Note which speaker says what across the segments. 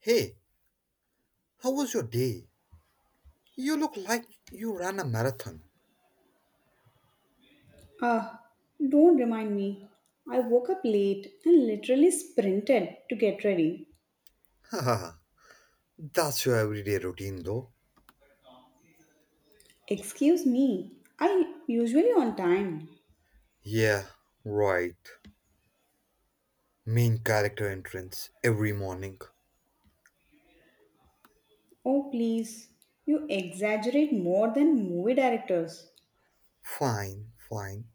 Speaker 1: Hey, how was your day? You look like you ran a marathon.
Speaker 2: Ah, don't remind me. I woke up late and literally sprinted to get ready.
Speaker 1: Haha, that's your everyday routine though.
Speaker 2: Excuse me, I usually on time.
Speaker 1: Yeah, right. Main character entrance every morning.
Speaker 2: Oh, please, you exaggerate more than movie directors.
Speaker 1: Fine, fine.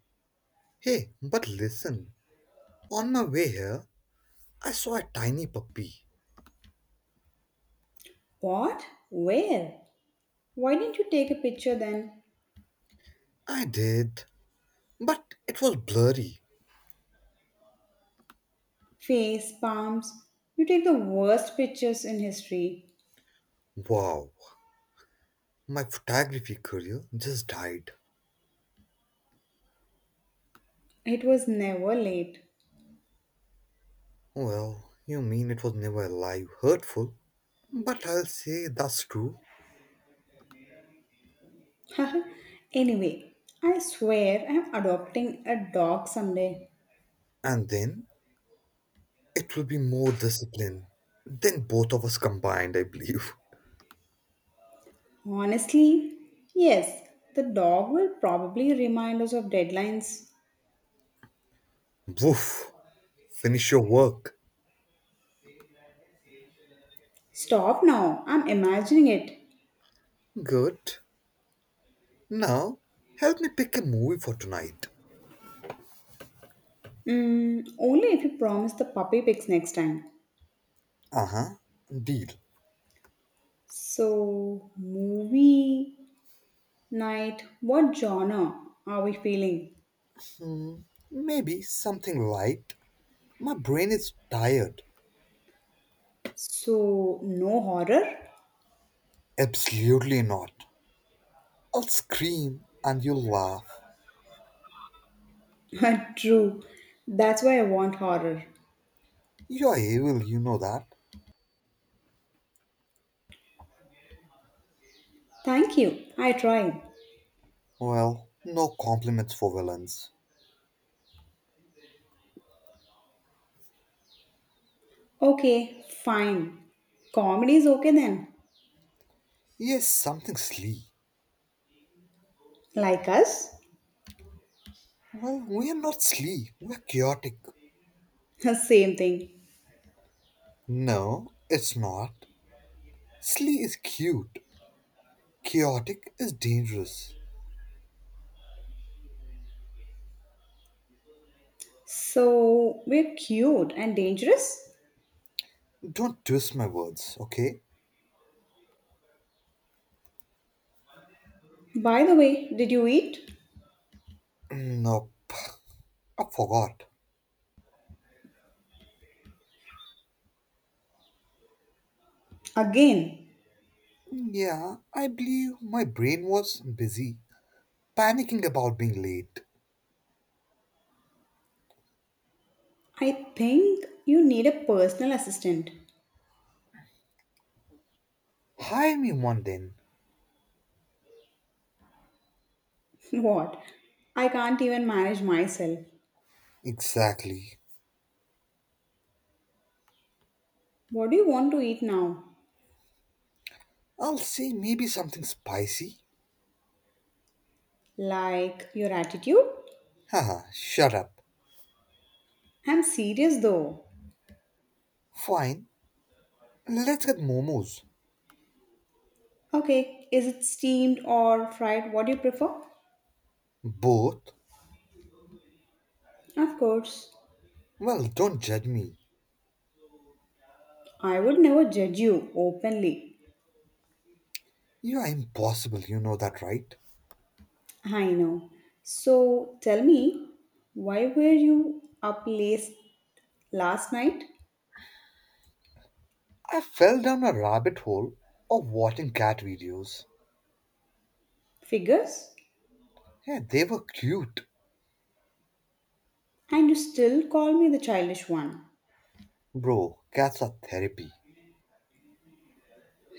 Speaker 1: Hey, but listen. On my way here, I saw a tiny puppy.
Speaker 2: What? Where? Why didn't you take a picture then?
Speaker 1: I did, but it was blurry.
Speaker 2: Face, palms. You take the worst pictures in history.
Speaker 1: Wow, my photography career just died.
Speaker 2: It was never late.
Speaker 1: Well, you mean it was never alive, hurtful? But I'll say that's true.
Speaker 2: Anyway, I swear I'm adopting a dog someday.
Speaker 1: And then it will be more discipline than both of us combined, I believe.
Speaker 2: Honestly, yes, the dog will probably remind us of deadlines.
Speaker 1: Woof, finish your work.
Speaker 2: Stop now, I'm imagining it.
Speaker 1: Good. Now, help me pick a movie for tonight.
Speaker 2: Mm, only if you promise the puppy picks next time.
Speaker 1: Uh huh, deal.
Speaker 2: So, movie night, what genre are we feeling?
Speaker 1: Maybe something light. My brain is tired.
Speaker 2: So, no horror?
Speaker 1: Absolutely not. I'll scream and you'll laugh.
Speaker 2: True, that's why I want horror.
Speaker 1: You're evil, you know that.
Speaker 2: Thank you, I tried.
Speaker 1: Well, no compliments for villains.
Speaker 2: Okay, fine. Comedy is okay then.
Speaker 1: Yes, something slee.
Speaker 2: Like us?
Speaker 1: Well, we are not slee, we're chaotic.
Speaker 2: Same thing.
Speaker 1: No, it's not. Slee is cute. Chaotic is dangerous.
Speaker 2: So we're cute and dangerous?
Speaker 1: Don't twist my words, okay?
Speaker 2: By the way, did you eat?
Speaker 1: Mm, nope, I forgot.
Speaker 2: Again,
Speaker 1: Yeah, I believe my brain was busy, panicking about being late.
Speaker 2: I think you need a personal assistant.
Speaker 1: Hire me one then.
Speaker 2: What? I can't even manage myself.
Speaker 1: Exactly.
Speaker 2: What do you want to eat now?
Speaker 1: I'll say maybe something spicy.
Speaker 2: Like your attitude?
Speaker 1: Haha, shut up.
Speaker 2: I'm serious though.
Speaker 1: Fine, let's get momos.
Speaker 2: Okay, is it steamed or fried? What do you prefer?
Speaker 1: Both?
Speaker 2: Of course.
Speaker 1: Well, don't judge me.
Speaker 2: I would never judge you openly.
Speaker 1: You are impossible, you know that, right?
Speaker 2: I know. So tell me, why were you up late last night?
Speaker 1: I fell down a rabbit hole of watching cat videos.
Speaker 2: Figures?
Speaker 1: Yeah, they were cute.
Speaker 2: And you still call me the childish one.
Speaker 1: Bro, cats are therapy.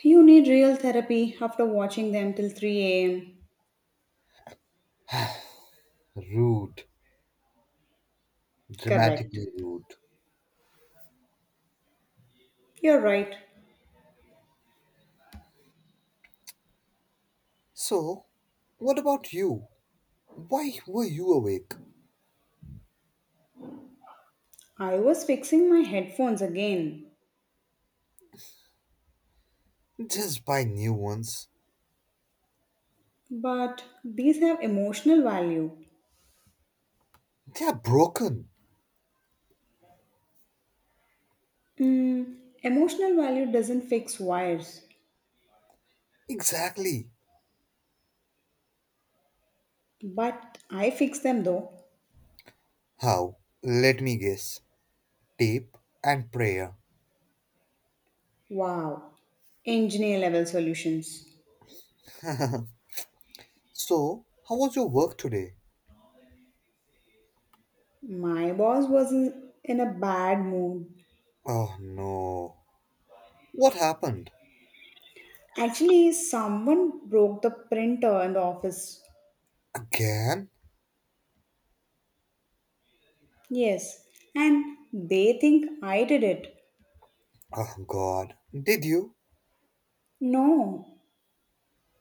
Speaker 2: You need real therapy after watching them till 3 am.
Speaker 1: Rude.
Speaker 2: Correct.
Speaker 1: Dramatically rude.
Speaker 2: You're right.
Speaker 1: So, what about you? Why were you awake?
Speaker 2: I was fixing my headphones again.
Speaker 1: Just buy new ones.
Speaker 2: But these have emotional value.
Speaker 1: They are broken.
Speaker 2: Mm, emotional value doesn't fix wires.
Speaker 1: Exactly.
Speaker 2: But I fix them though.
Speaker 1: How? Let me guess. Tape and prayer.
Speaker 2: Wow. Engineer level solutions.
Speaker 1: So, how was your work today?
Speaker 2: My boss was in a bad mood.
Speaker 1: Oh no. What happened?
Speaker 2: Actually, someone broke the printer in the office.
Speaker 1: Again?
Speaker 2: Yes, and they think I did it.
Speaker 1: Oh god. Did you?
Speaker 2: No,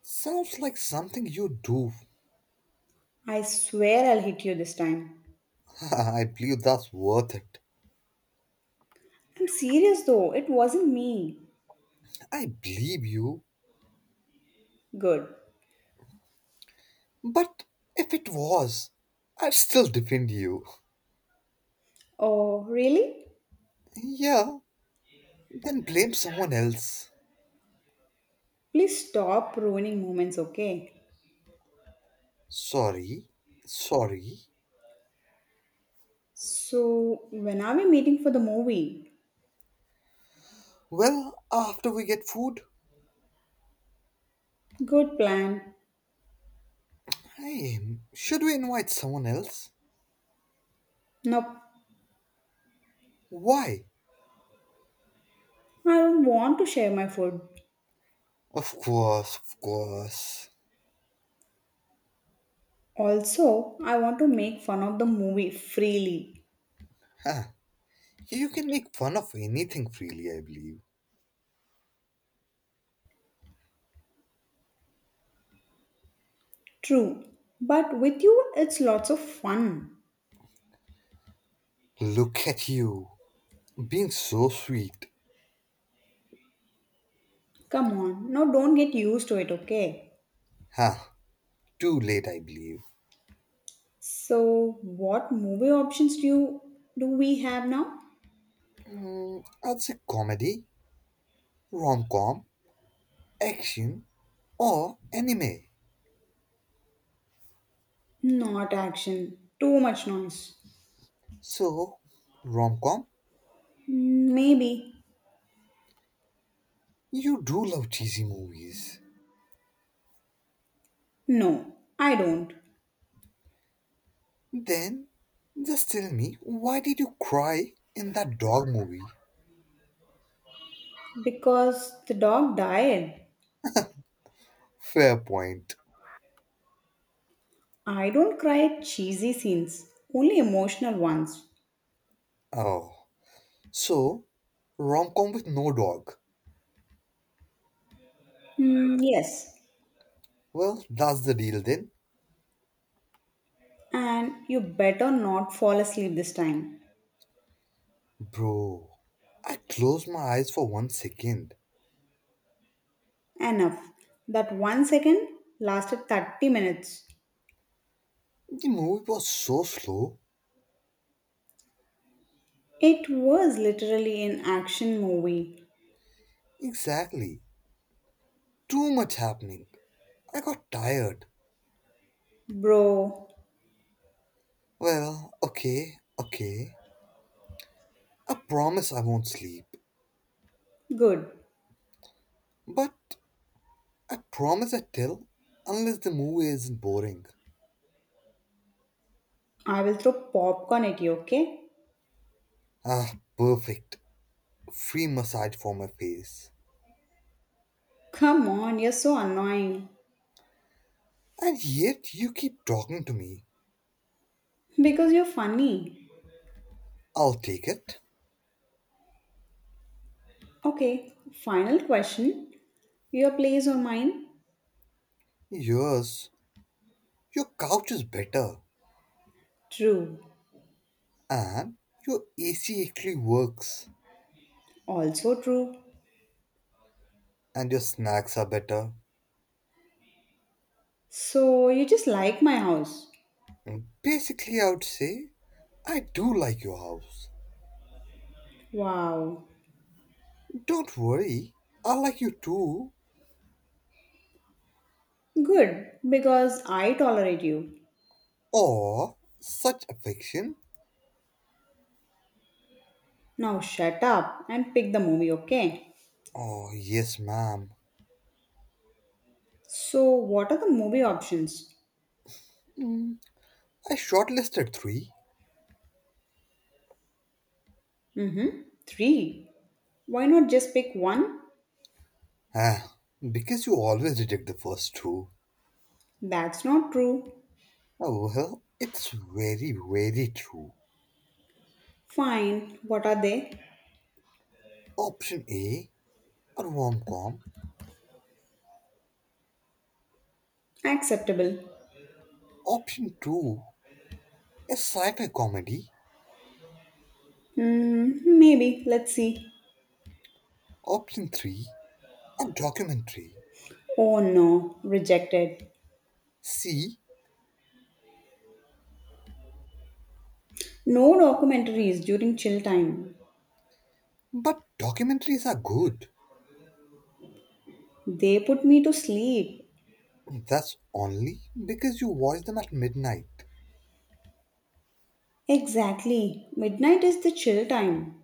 Speaker 1: Sounds like something you do.
Speaker 2: I swear I'll hit you this time.
Speaker 1: I believe that's worth it.
Speaker 2: I'm serious though, it wasn't me.
Speaker 1: I believe you.
Speaker 2: Good.
Speaker 1: But if it was, I'd still defend you.
Speaker 2: Oh, really?
Speaker 1: Yeah, then blame someone else.
Speaker 2: Please stop ruining moments, okay?
Speaker 1: Sorry. Sorry.
Speaker 2: So, when are we meeting for the movie?
Speaker 1: Well, after we get food,
Speaker 2: Good plan.
Speaker 1: hey, should we invite someone else?
Speaker 2: Nope,
Speaker 1: Why?
Speaker 2: I don't want to share my food.
Speaker 1: Of course, of course.
Speaker 2: Also, I want to make fun of the movie freely.
Speaker 1: Huh. You can make fun of anything freely, I believe.
Speaker 2: True, but with you, it's lots of fun.
Speaker 1: Look at you, being so sweet.
Speaker 2: Come on, now don't get used to it, okay?
Speaker 1: Huh. Too late, I believe.
Speaker 2: So, what movie options do you do we have now?
Speaker 1: Mm, I'd say comedy, rom com, action, or anime.
Speaker 2: Not action, too much noise.
Speaker 1: So, rom com,
Speaker 2: Mm, maybe.
Speaker 1: you do love cheesy movies.
Speaker 2: No, I don't.
Speaker 1: Then, just tell me, why did you cry in that dog movie?
Speaker 2: Because the dog died.
Speaker 1: Fair point.
Speaker 2: I don't cry at cheesy scenes, only emotional ones.
Speaker 1: Oh, so rom com with no dog.
Speaker 2: Mm, yes,
Speaker 1: Well, that's the deal then,
Speaker 2: and you better not fall asleep this time.
Speaker 1: bro. I closed my eyes for 1 second.
Speaker 2: Enough. That one second lasted 30 minutes.
Speaker 1: The movie was so slow.
Speaker 2: It was literally an action movie.
Speaker 1: Exactly. Too much happening. I got tired.
Speaker 2: Bro,
Speaker 1: Well, okay, okay. I promise I won't sleep.
Speaker 2: good.
Speaker 1: But I promise I tell unless the movie isn't boring.
Speaker 2: I will throw popcorn at you, okay?
Speaker 1: Ah, perfect. Free massage for my face.
Speaker 2: Come on, you're so annoying.
Speaker 1: And yet you keep talking to me.
Speaker 2: Because you're funny.
Speaker 1: I'll take it.
Speaker 2: Okay, final question. Your place or mine?
Speaker 1: Yours. Your couch is better.
Speaker 2: True.
Speaker 1: And your AC actually works.
Speaker 2: Also true.
Speaker 1: And your snacks are better.
Speaker 2: So you just like my house.
Speaker 1: Basically, I would say I do like your house.
Speaker 2: Wow.
Speaker 1: Don't worry, I like you too.
Speaker 2: Good, because I tolerate you.
Speaker 1: Oh, such affection.
Speaker 2: Now shut up and pick the movie, okay?
Speaker 1: Oh, yes, ma'am.
Speaker 2: So, what are the movie options?
Speaker 1: Mm, I shortlisted three.
Speaker 2: Mm-hmm. Three. Why not just pick one?
Speaker 1: Ah, because you always reject the first two.
Speaker 2: That's not true.
Speaker 1: Oh, well, it's very, very true.
Speaker 2: Fine. What are they?
Speaker 1: Option A, a rom com.
Speaker 2: Acceptable.
Speaker 1: Option 2, a sci fi comedy.
Speaker 2: Hmm. Maybe. Let's see.
Speaker 1: Option 3, a documentary.
Speaker 2: Oh no. Rejected.
Speaker 1: See,
Speaker 2: No documentaries during chill time.
Speaker 1: but documentaries are good.
Speaker 2: They put me to sleep.
Speaker 1: That's only because you watch them at midnight.
Speaker 2: Exactly. Midnight is the chill time.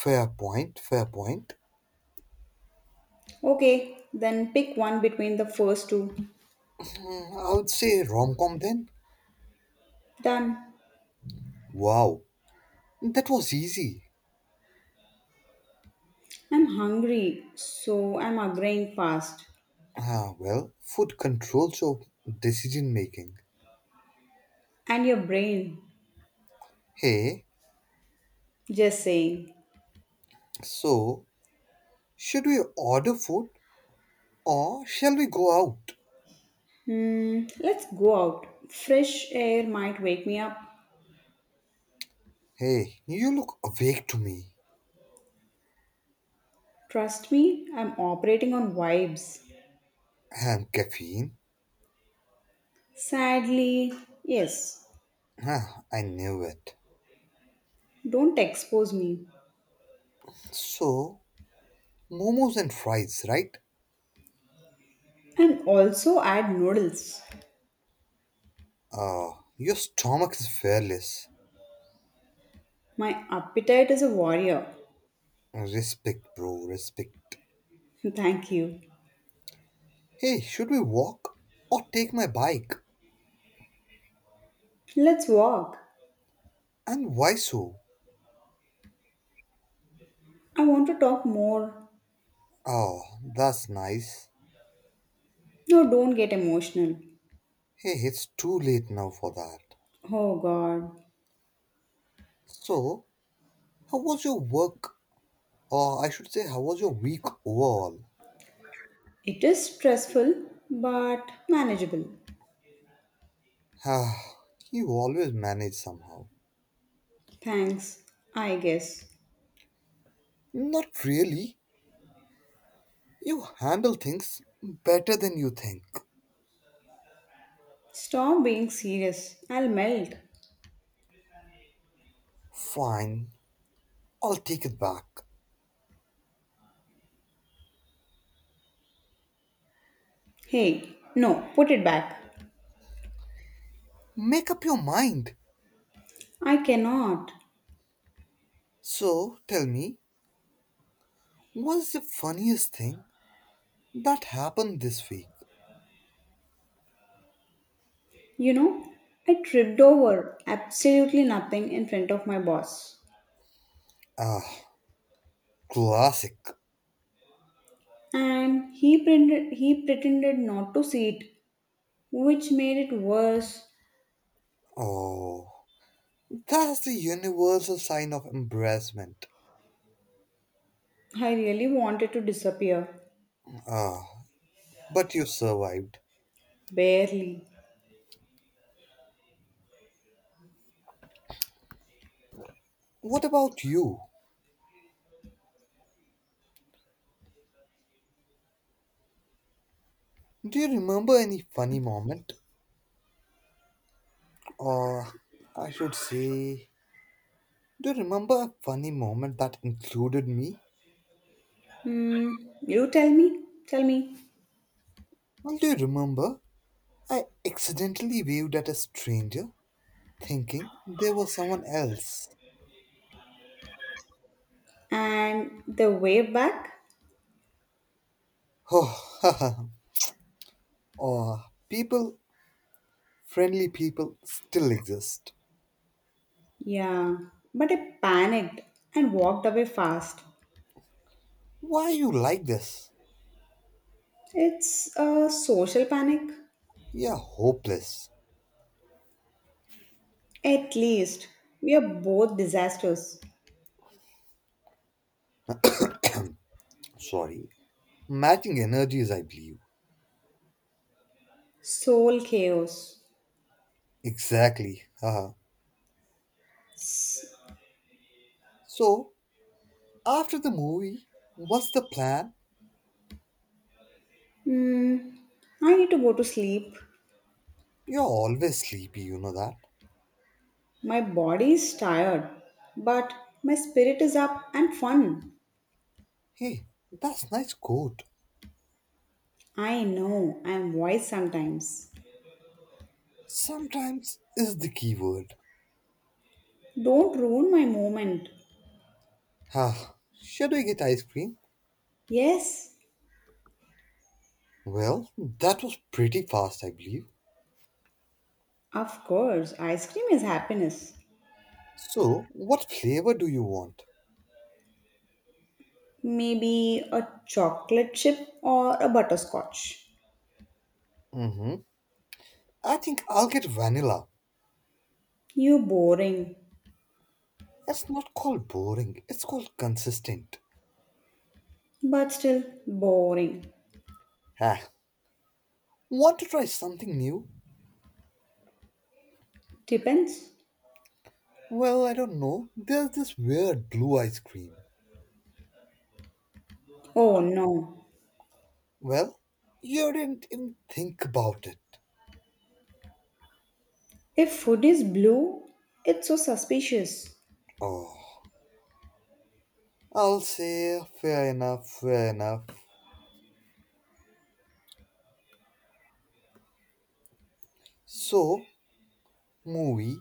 Speaker 1: Fair point, fair point.
Speaker 2: Okay. Then pick one between the first two.
Speaker 1: Mm, I would say rom com then.
Speaker 2: Done.
Speaker 1: Wow, that was easy.
Speaker 2: I'm hungry, so I'm agreeing fast.
Speaker 1: Ah, well, food controls your decision making.
Speaker 2: And your brain.
Speaker 1: Hey,
Speaker 2: Just saying.
Speaker 1: so should we order food or shall we go out?
Speaker 2: Hmm, let's go out. Fresh air might wake me up.
Speaker 1: Hey, you look awake to me.
Speaker 2: Trust me, I'm operating on vibes.
Speaker 1: And caffeine?
Speaker 2: Sadly, yes.
Speaker 1: Ah, I knew it.
Speaker 2: Don't expose me.
Speaker 1: So, momos and fries, right?
Speaker 2: And also add noodles.
Speaker 1: Ah, your stomach is fearless.
Speaker 2: My appetite is a warrior.
Speaker 1: Respect, bro, respect.
Speaker 2: Thank you.
Speaker 1: Hey, should we walk or take my bike?
Speaker 2: Let's walk.
Speaker 1: And why so?
Speaker 2: I want to talk more.
Speaker 1: Oh, that's nice.
Speaker 2: No, don't get emotional.
Speaker 1: Hey, it's too late now for that.
Speaker 2: Oh god.
Speaker 1: So, how was your work? Or I should say, how was your week overall?
Speaker 2: It is stressful but manageable.
Speaker 1: Ah, you always manage somehow.
Speaker 2: Thanks, I guess.
Speaker 1: Not really. You handle things better than you think.
Speaker 2: Stop being serious. I'll melt.
Speaker 1: Fine, I'll take it back.
Speaker 2: Hey, no, put it back.
Speaker 1: Make up your mind.
Speaker 2: I cannot.
Speaker 1: So, tell me, what's the funniest thing that happened this week?
Speaker 2: You know, I tripped over absolutely nothing in front of my boss.
Speaker 1: Ah, classic.
Speaker 2: And he pretended not to see it, which made it worse.
Speaker 1: Oh, that's the universal sign of embarrassment.
Speaker 2: I really wanted to disappear.
Speaker 1: Ah, but you survived.
Speaker 2: Barely.
Speaker 1: What about you? Do you remember any funny moment? Or, I should say, do you remember a funny moment that included me?
Speaker 2: Hmm, you tell me. Tell me.
Speaker 1: Well, do you remember? I accidentally waved at a stranger, thinking there was someone else.
Speaker 2: And the way back?
Speaker 1: Oh, oh people, friendly people, still exist.
Speaker 2: Yeah, but I panicked and walked away fast.
Speaker 1: Why you like this?
Speaker 2: It's a social panic.
Speaker 1: Yeah, hopeless.
Speaker 2: At least we are both disasters.
Speaker 1: Sorry. Matching energies, I believe.
Speaker 2: Soul chaos.
Speaker 1: Exactly. Haha.
Speaker 2: S-
Speaker 1: So, after the movie, what's the plan?
Speaker 2: Hmm. I need to go to sleep.
Speaker 1: You're always sleepy, you know that.
Speaker 2: My body is tired, but my spirit is up and fun.
Speaker 1: Hey, that's nice quote.
Speaker 2: I know I am wise sometimes.
Speaker 1: Sometimes is the key word.
Speaker 2: Don't ruin my moment.
Speaker 1: Ah, should we get ice cream?
Speaker 2: Yes,
Speaker 1: Well, that was pretty fast, I believe.
Speaker 2: of course, ice cream is happiness.
Speaker 1: So, what flavor do you want?
Speaker 2: Maybe a chocolate chip or a butterscotch.
Speaker 1: Mm-hmm. I think I'll get vanilla.
Speaker 2: You boring.
Speaker 1: It's not called boring, it's called consistent.
Speaker 2: But still boring.
Speaker 1: Ah, want to try something new?
Speaker 2: Depends.
Speaker 1: Well, I don't know. There's this weird blue ice cream.
Speaker 2: Oh no.
Speaker 1: Well, you didn't even think about it.
Speaker 2: If food is blue, it's so suspicious.
Speaker 1: Oh, I'll say fair enough, fair enough. So, movie,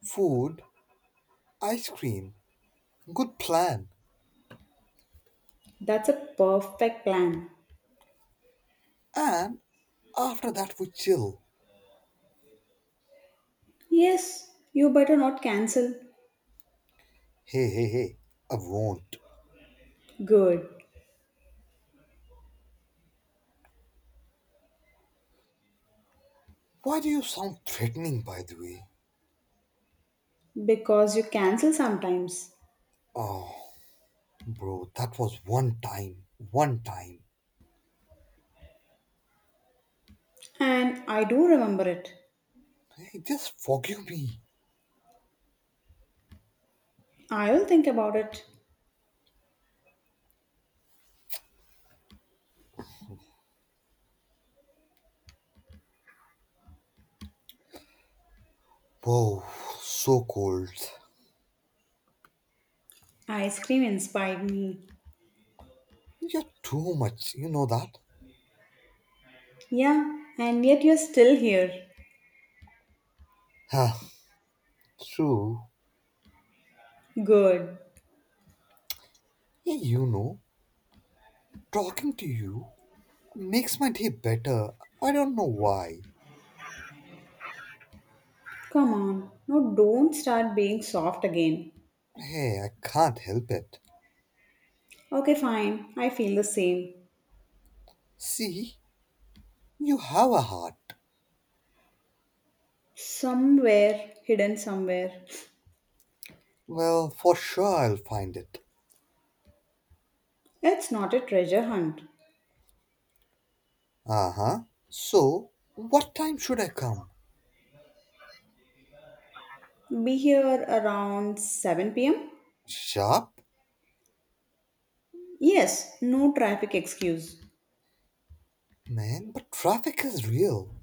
Speaker 1: food, ice cream. Good plan.
Speaker 2: That's a perfect plan.
Speaker 1: And after that, we chill.
Speaker 2: Yes, you better not cancel.
Speaker 1: Hey, hey, hey, I won't.
Speaker 2: Good.
Speaker 1: Why do you sound threatening, by the way?
Speaker 2: Because you cancel sometimes.
Speaker 1: Oh, bro, that was one time. One time.
Speaker 2: And I do remember it.
Speaker 1: Hey, just forgive me.
Speaker 2: I will think about it.
Speaker 1: Whoa, so cold.
Speaker 2: Ice cream inspired me.
Speaker 1: You're too much, you know that?
Speaker 2: Yeah, and yet you're still here.
Speaker 1: Huh, true.
Speaker 2: Good.
Speaker 1: Yeah, you know, talking to you makes my day better. I don't know why.
Speaker 2: Come on. Now don't start being soft again.
Speaker 1: Hey, I can't help it.
Speaker 2: Okay, fine. I feel the same.
Speaker 1: See, you have a heart.
Speaker 2: Somewhere, hidden somewhere.
Speaker 1: Well, for sure I'll find it.
Speaker 2: It's not a treasure hunt.
Speaker 1: Uh huh. So, what time should I come?
Speaker 2: Be here around 7 pm?
Speaker 1: Sharp?
Speaker 2: Yes, no traffic excuse.
Speaker 1: Man, but traffic is real.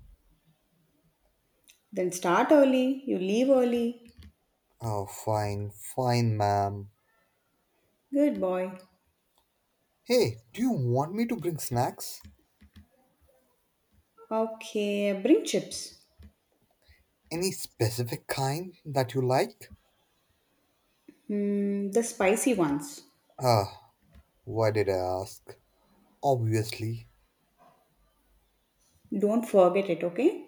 Speaker 2: Then start early, you leave early.
Speaker 1: Oh, fine, fine, ma'am.
Speaker 2: Good boy.
Speaker 1: Hey, do you want me to bring snacks?
Speaker 2: Okay, bring chips.
Speaker 1: Any specific kind that you like?
Speaker 2: Hmm, the spicy ones.
Speaker 1: Ah, why did I ask? Obviously.
Speaker 2: Don't forget it, okay?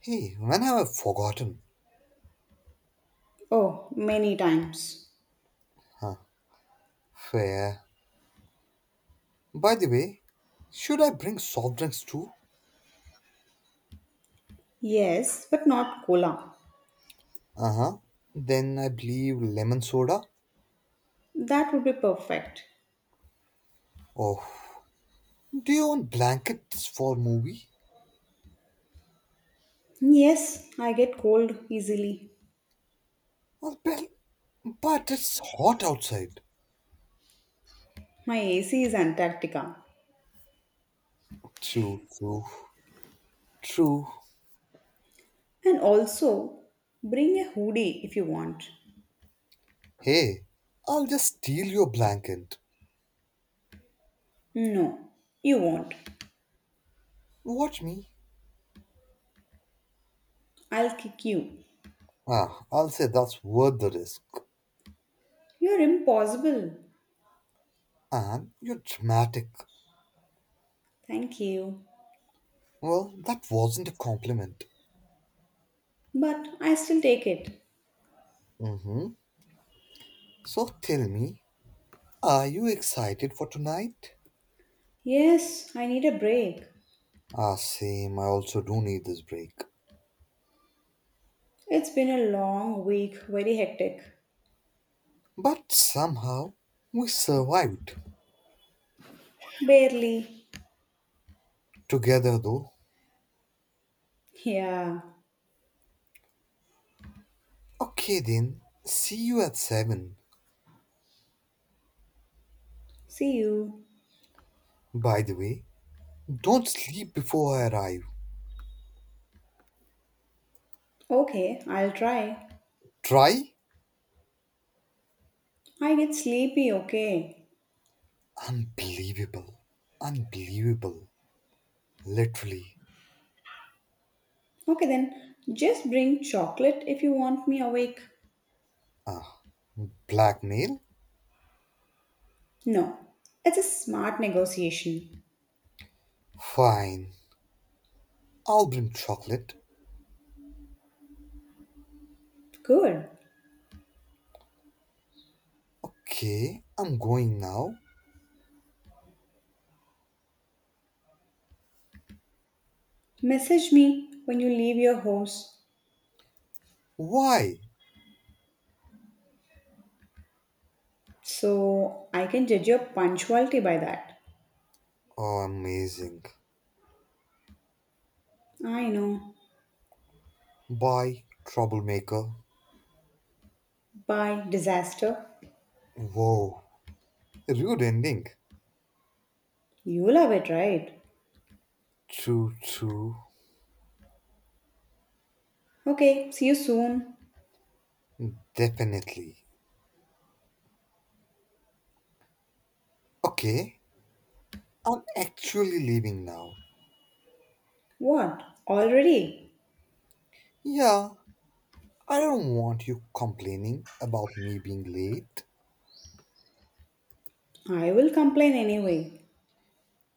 Speaker 1: Hey, when have I forgotten?
Speaker 2: Oh, many times.
Speaker 1: Huh, fair. By the way, should I bring soft drinks too?
Speaker 2: Yes, but not cola.
Speaker 1: Uh huh. Then I believe lemon soda.
Speaker 2: That would be perfect.
Speaker 1: Oh, do you want blankets for movie?
Speaker 2: Yes, I get cold easily.
Speaker 1: Well, well, but it's hot outside.
Speaker 2: My AC is Antarctica.
Speaker 1: True, true, true.
Speaker 2: And also, bring a hoodie if you want.
Speaker 1: Hey, I'll just steal your blanket.
Speaker 2: No, you won't.
Speaker 1: Watch me.
Speaker 2: I'll kick you.
Speaker 1: Ah, I'll say that's worth the risk.
Speaker 2: You're impossible.
Speaker 1: Anne, you're dramatic.
Speaker 2: Thank you.
Speaker 1: Well, that wasn't a compliment.
Speaker 2: But I still take it.
Speaker 1: Mm-hmm. So tell me, are you excited for tonight?
Speaker 2: Yes, I need a break.
Speaker 1: Ah, same. I also do need this break.
Speaker 2: It's been a long week, very hectic.
Speaker 1: But somehow, we survived.
Speaker 2: Barely.
Speaker 1: Together, though.
Speaker 2: Yeah.
Speaker 1: Okay, then. See you at 7.
Speaker 2: See you.
Speaker 1: By the way, don't sleep before I arrive.
Speaker 2: Okay, I'll try.
Speaker 1: Try?
Speaker 2: I get sleepy, okay?
Speaker 1: Unbelievable. Unbelievable. Literally.
Speaker 2: Okay then, just bring chocolate if you want me awake.
Speaker 1: Blackmail?
Speaker 2: No, it's a smart negotiation.
Speaker 1: Fine. I'll bring chocolate.
Speaker 2: Good.
Speaker 1: Okay, I'm going now.
Speaker 2: Message me when you leave your house
Speaker 1: Why?
Speaker 2: so I can judge your punctuality by that.
Speaker 1: Oh, amazing.
Speaker 2: I know.
Speaker 1: Bye, troublemaker.
Speaker 2: By disaster.
Speaker 1: Whoa, rude ending.
Speaker 2: You love it, right?
Speaker 1: True, true.
Speaker 2: Okay, see you soon.
Speaker 1: Definitely. Okay, I'm actually leaving now.
Speaker 2: What? Already?
Speaker 1: Yeah, I don't want you complaining about me being late.
Speaker 2: I will complain anyway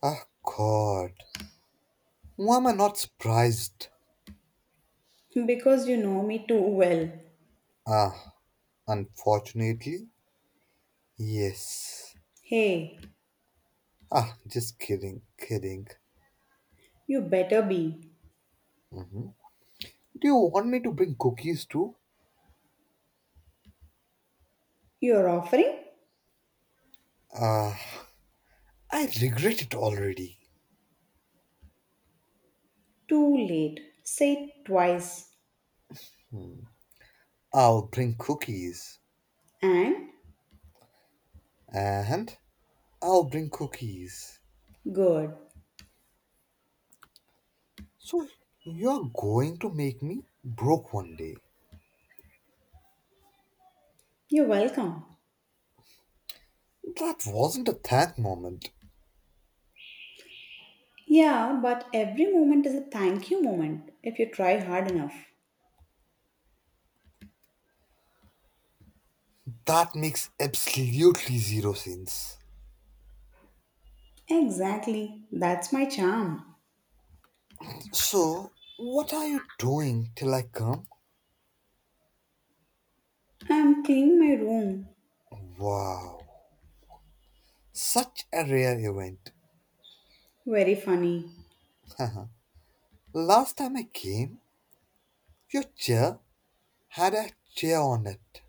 Speaker 1: Ah, God. Why am I not surprised?
Speaker 2: because you know me too well.
Speaker 1: Ah, unfortunately, yes.
Speaker 2: Hey,
Speaker 1: Ah, just kidding, kidding.
Speaker 2: you better be.
Speaker 1: Mhm. Do you want me to bring cookies too?
Speaker 2: You're offering?
Speaker 1: Ah, I regret it already.
Speaker 2: Too late. Say it twice.
Speaker 1: I'll bring cookies.
Speaker 2: And
Speaker 1: And I'll bring cookies.
Speaker 2: good.
Speaker 1: So you're going to make me broke one day.
Speaker 2: You're welcome.
Speaker 1: That wasn't a thank moment.
Speaker 2: Yeah, but every moment is a thank you moment if you try hard enough.
Speaker 1: That makes absolutely zero sense.
Speaker 2: Exactly, that's my charm.
Speaker 1: So, what are you doing till I come?
Speaker 2: I'm cleaning my room.
Speaker 1: Wow, such a rare event.
Speaker 2: Very funny.
Speaker 1: Last time I came, your chair had a chair on it.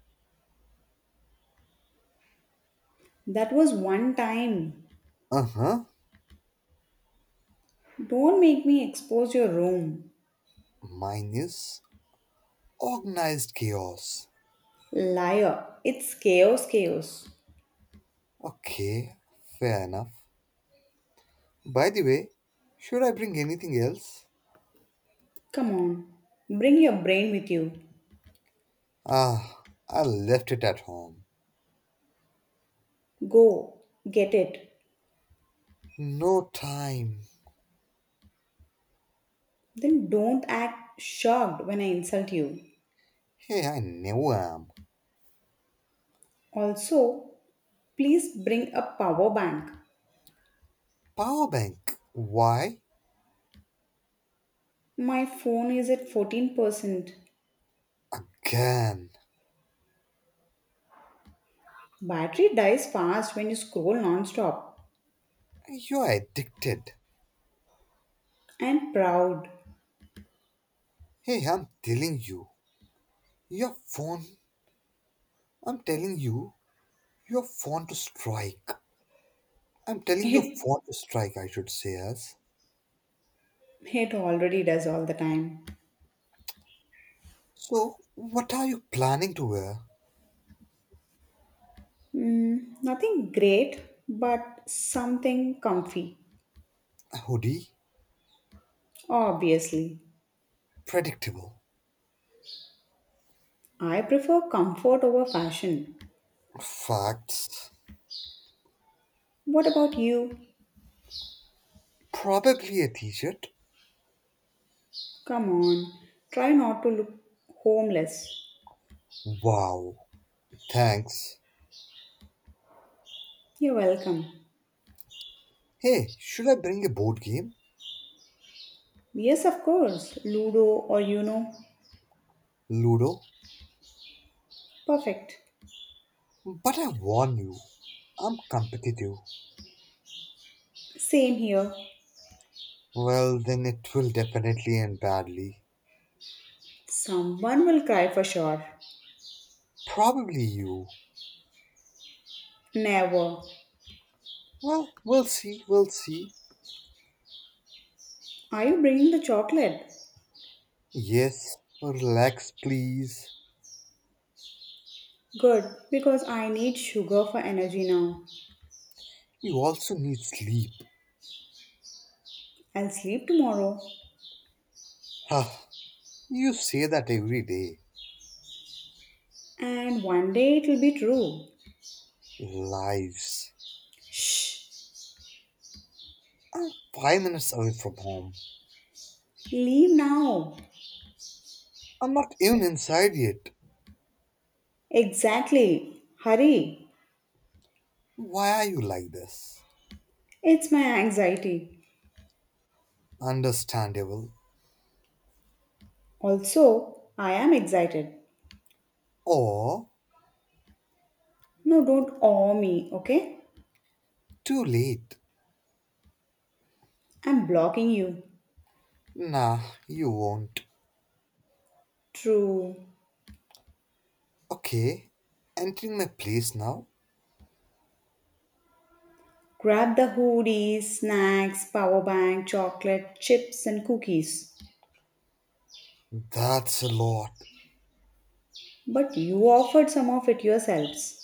Speaker 2: That was one time.
Speaker 1: Uh huh.
Speaker 2: Don't make me expose your room.
Speaker 1: Mine is organized chaos.
Speaker 2: Liar, it's chaos, chaos.
Speaker 1: Okay, fair enough. By the way, should I bring anything else?
Speaker 2: Come on, bring your brain with you.
Speaker 1: Ah, I left it at home.
Speaker 2: Go, get it.
Speaker 1: No time.
Speaker 2: Then don't act shocked when I insult you.
Speaker 1: Hey, I never am.
Speaker 2: Also, please bring a power bank.
Speaker 1: Power bank. Why?
Speaker 2: My phone is at 14%.
Speaker 1: Again.
Speaker 2: Battery dies fast when you scroll non-stop.
Speaker 1: You're addicted.
Speaker 2: And proud.
Speaker 1: Hey, I'm telling you. Your phone. I'm telling you. Your phone to strike. I'm telling your
Speaker 2: It
Speaker 1: phone to strike, I should say, as.
Speaker 2: it already does all the time.
Speaker 1: So, what are you planning to wear?
Speaker 2: Mm, nothing great, but something comfy.
Speaker 1: Hoodie.
Speaker 2: Obviously.
Speaker 1: Predictable.
Speaker 2: I prefer comfort over fashion.
Speaker 1: Facts.
Speaker 2: What about you?
Speaker 1: Probably a t shirt.
Speaker 2: Come on. Try not to look homeless.
Speaker 1: Wow. Thanks.
Speaker 2: You're welcome.
Speaker 1: Hey, should I bring a board game?
Speaker 2: Yes, of course. Ludo or you know.
Speaker 1: Ludo?
Speaker 2: Perfect.
Speaker 1: But I warn you, I'm competitive.
Speaker 2: Same here.
Speaker 1: Well, then it will definitely end badly.
Speaker 2: Someone will cry for sure.
Speaker 1: Probably you.
Speaker 2: Never.
Speaker 1: Well, we'll see, we'll see.
Speaker 2: Are you bringing the chocolate?
Speaker 1: Yes, relax, please.
Speaker 2: Good, because I need sugar for energy now.
Speaker 1: You also need sleep.
Speaker 2: I'll sleep tomorrow,
Speaker 1: Ah, you say that every day.
Speaker 2: and one day it'll be true.
Speaker 1: Lives.
Speaker 2: Shh,
Speaker 1: I'm 5 minutes away from home.
Speaker 2: leave now.
Speaker 1: I'm not even inside yet.
Speaker 2: Exactly, hurry.
Speaker 1: Why are you like this?
Speaker 2: It's my anxiety.
Speaker 1: Understandable.
Speaker 2: Also, I am excited.
Speaker 1: Or
Speaker 2: No, don't awe me, okay?
Speaker 1: too late.
Speaker 2: I'm blocking you.
Speaker 1: Nah, you won't.
Speaker 2: True.
Speaker 1: Okay, entering my place now?
Speaker 2: Grab the hoodies, snacks, power bank, chocolate, chips, and cookies.
Speaker 1: That's a lot.
Speaker 2: But you offered some of it yourselves.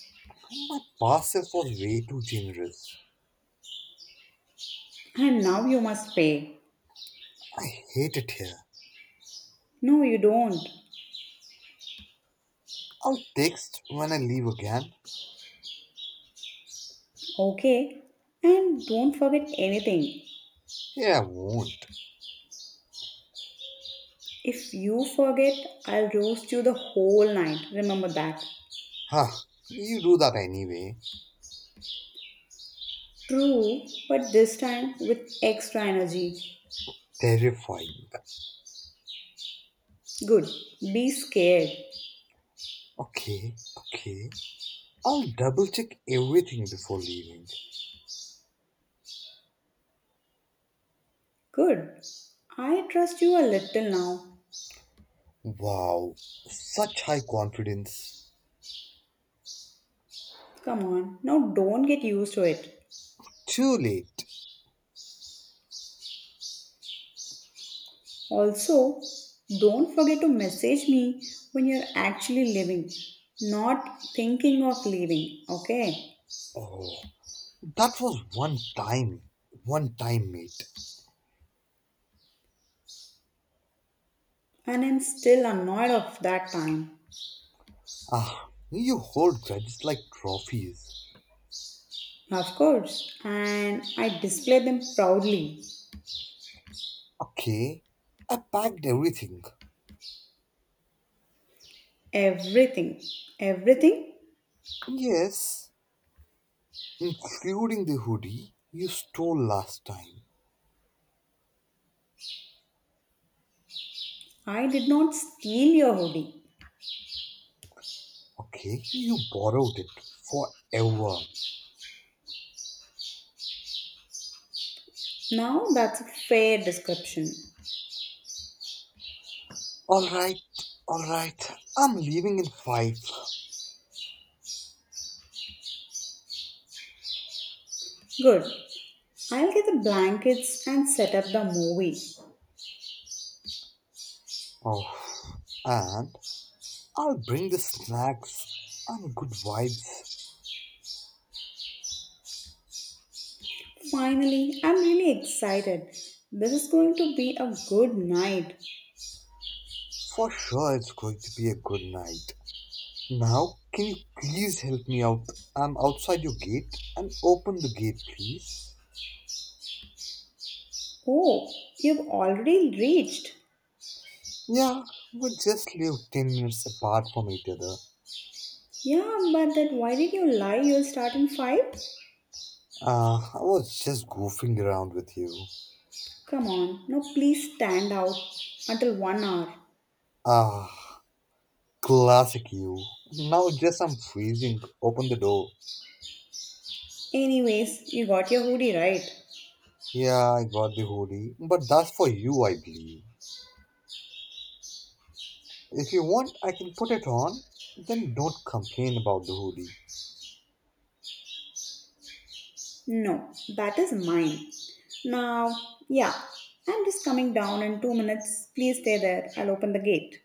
Speaker 1: My parcel was way too generous.
Speaker 2: And now you must pay.
Speaker 1: I hate it here.
Speaker 2: No, you don't.
Speaker 1: I'll text when I leave again.
Speaker 2: Okay? And don't forget anything.
Speaker 1: Here I won't.
Speaker 2: If you forget, I'll roast you the whole night. Remember that.
Speaker 1: Huh, you do that anyway.
Speaker 2: True, but this time with extra energy.
Speaker 1: Terrifying.
Speaker 2: Good. Be scared.
Speaker 1: Okay, okay. I'll double check everything before leaving.
Speaker 2: Good. I trust you a little now.
Speaker 1: Wow, such high confidence.
Speaker 2: Come on, now don't get used to it.
Speaker 1: Too late.
Speaker 2: Also, don't forget to message me when you're actually leaving, not thinking of leaving, okay?
Speaker 1: Oh, that was one time. One time, mate.
Speaker 2: And I'm still annoyed of that time.
Speaker 1: Ah, you hold grudges like trophies.
Speaker 2: Of course, and I display them proudly.
Speaker 1: Okay, I packed everything.
Speaker 2: Everything, everything.
Speaker 1: Yes, including the hoodie you stole last time.
Speaker 2: I did not steal your hoodie.
Speaker 1: Okay, you borrowed it forever.
Speaker 2: Now that's a fair description.
Speaker 1: Alright, alright, I'm leaving in five.
Speaker 2: Good. I'll get the blankets and set up the movie.
Speaker 1: Oh, and I'll bring the snacks and good vibes.
Speaker 2: Finally, I'm really excited. This is going to be a good night.
Speaker 1: For sure, it's going to be a good night. Now, can you please help me out? I'm outside your gate and open the gate, please.
Speaker 2: Oh, you've already reached.
Speaker 1: Yeah, we just live 10 minutes apart from each other.
Speaker 2: Yeah, but then why did you lie? You'll start in 5?
Speaker 1: Ah, I was just goofing around with you.
Speaker 2: Come on, now please stand out until 1 hour.
Speaker 1: Ah, classic you. Now, just I'm freezing. Open the door.
Speaker 2: Anyways, you got your hoodie right.
Speaker 1: Yeah, I got the hoodie, but that's for you, I believe. If you want, I can put it on. Then don't complain about the hoodie.
Speaker 2: No, that is mine. Now, yeah, I'm just coming down in 2 minutes. Please stay there. I'll open the gate.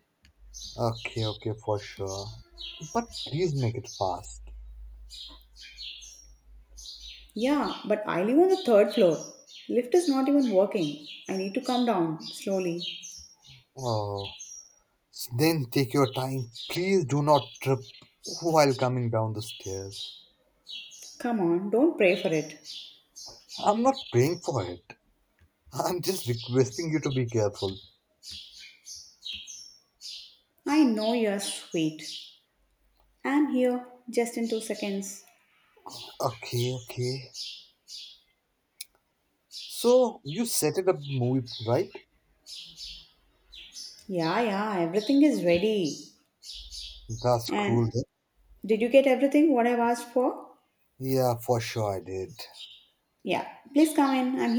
Speaker 1: Okay, okay, for sure. But please make it fast.
Speaker 2: Yeah, but I live on the 3rd floor. Lift is not even working. I need to come down slowly.
Speaker 1: Oh, then take your time. Please do not trip while coming down the stairs.
Speaker 2: Come on, don't pray for it.
Speaker 1: I'm not praying for it. I'm just requesting you to be careful.
Speaker 2: I know you're sweet. I'm here just in two seconds.
Speaker 1: Okay, okay. So, you set it up the movie, right?
Speaker 2: Yeah, yeah, everything is ready.
Speaker 1: That's cruel.
Speaker 2: And
Speaker 1: Then.
Speaker 2: did you get everything what I've asked for?
Speaker 1: Yeah, for sure I did.
Speaker 2: Yeah. Please come in. I'm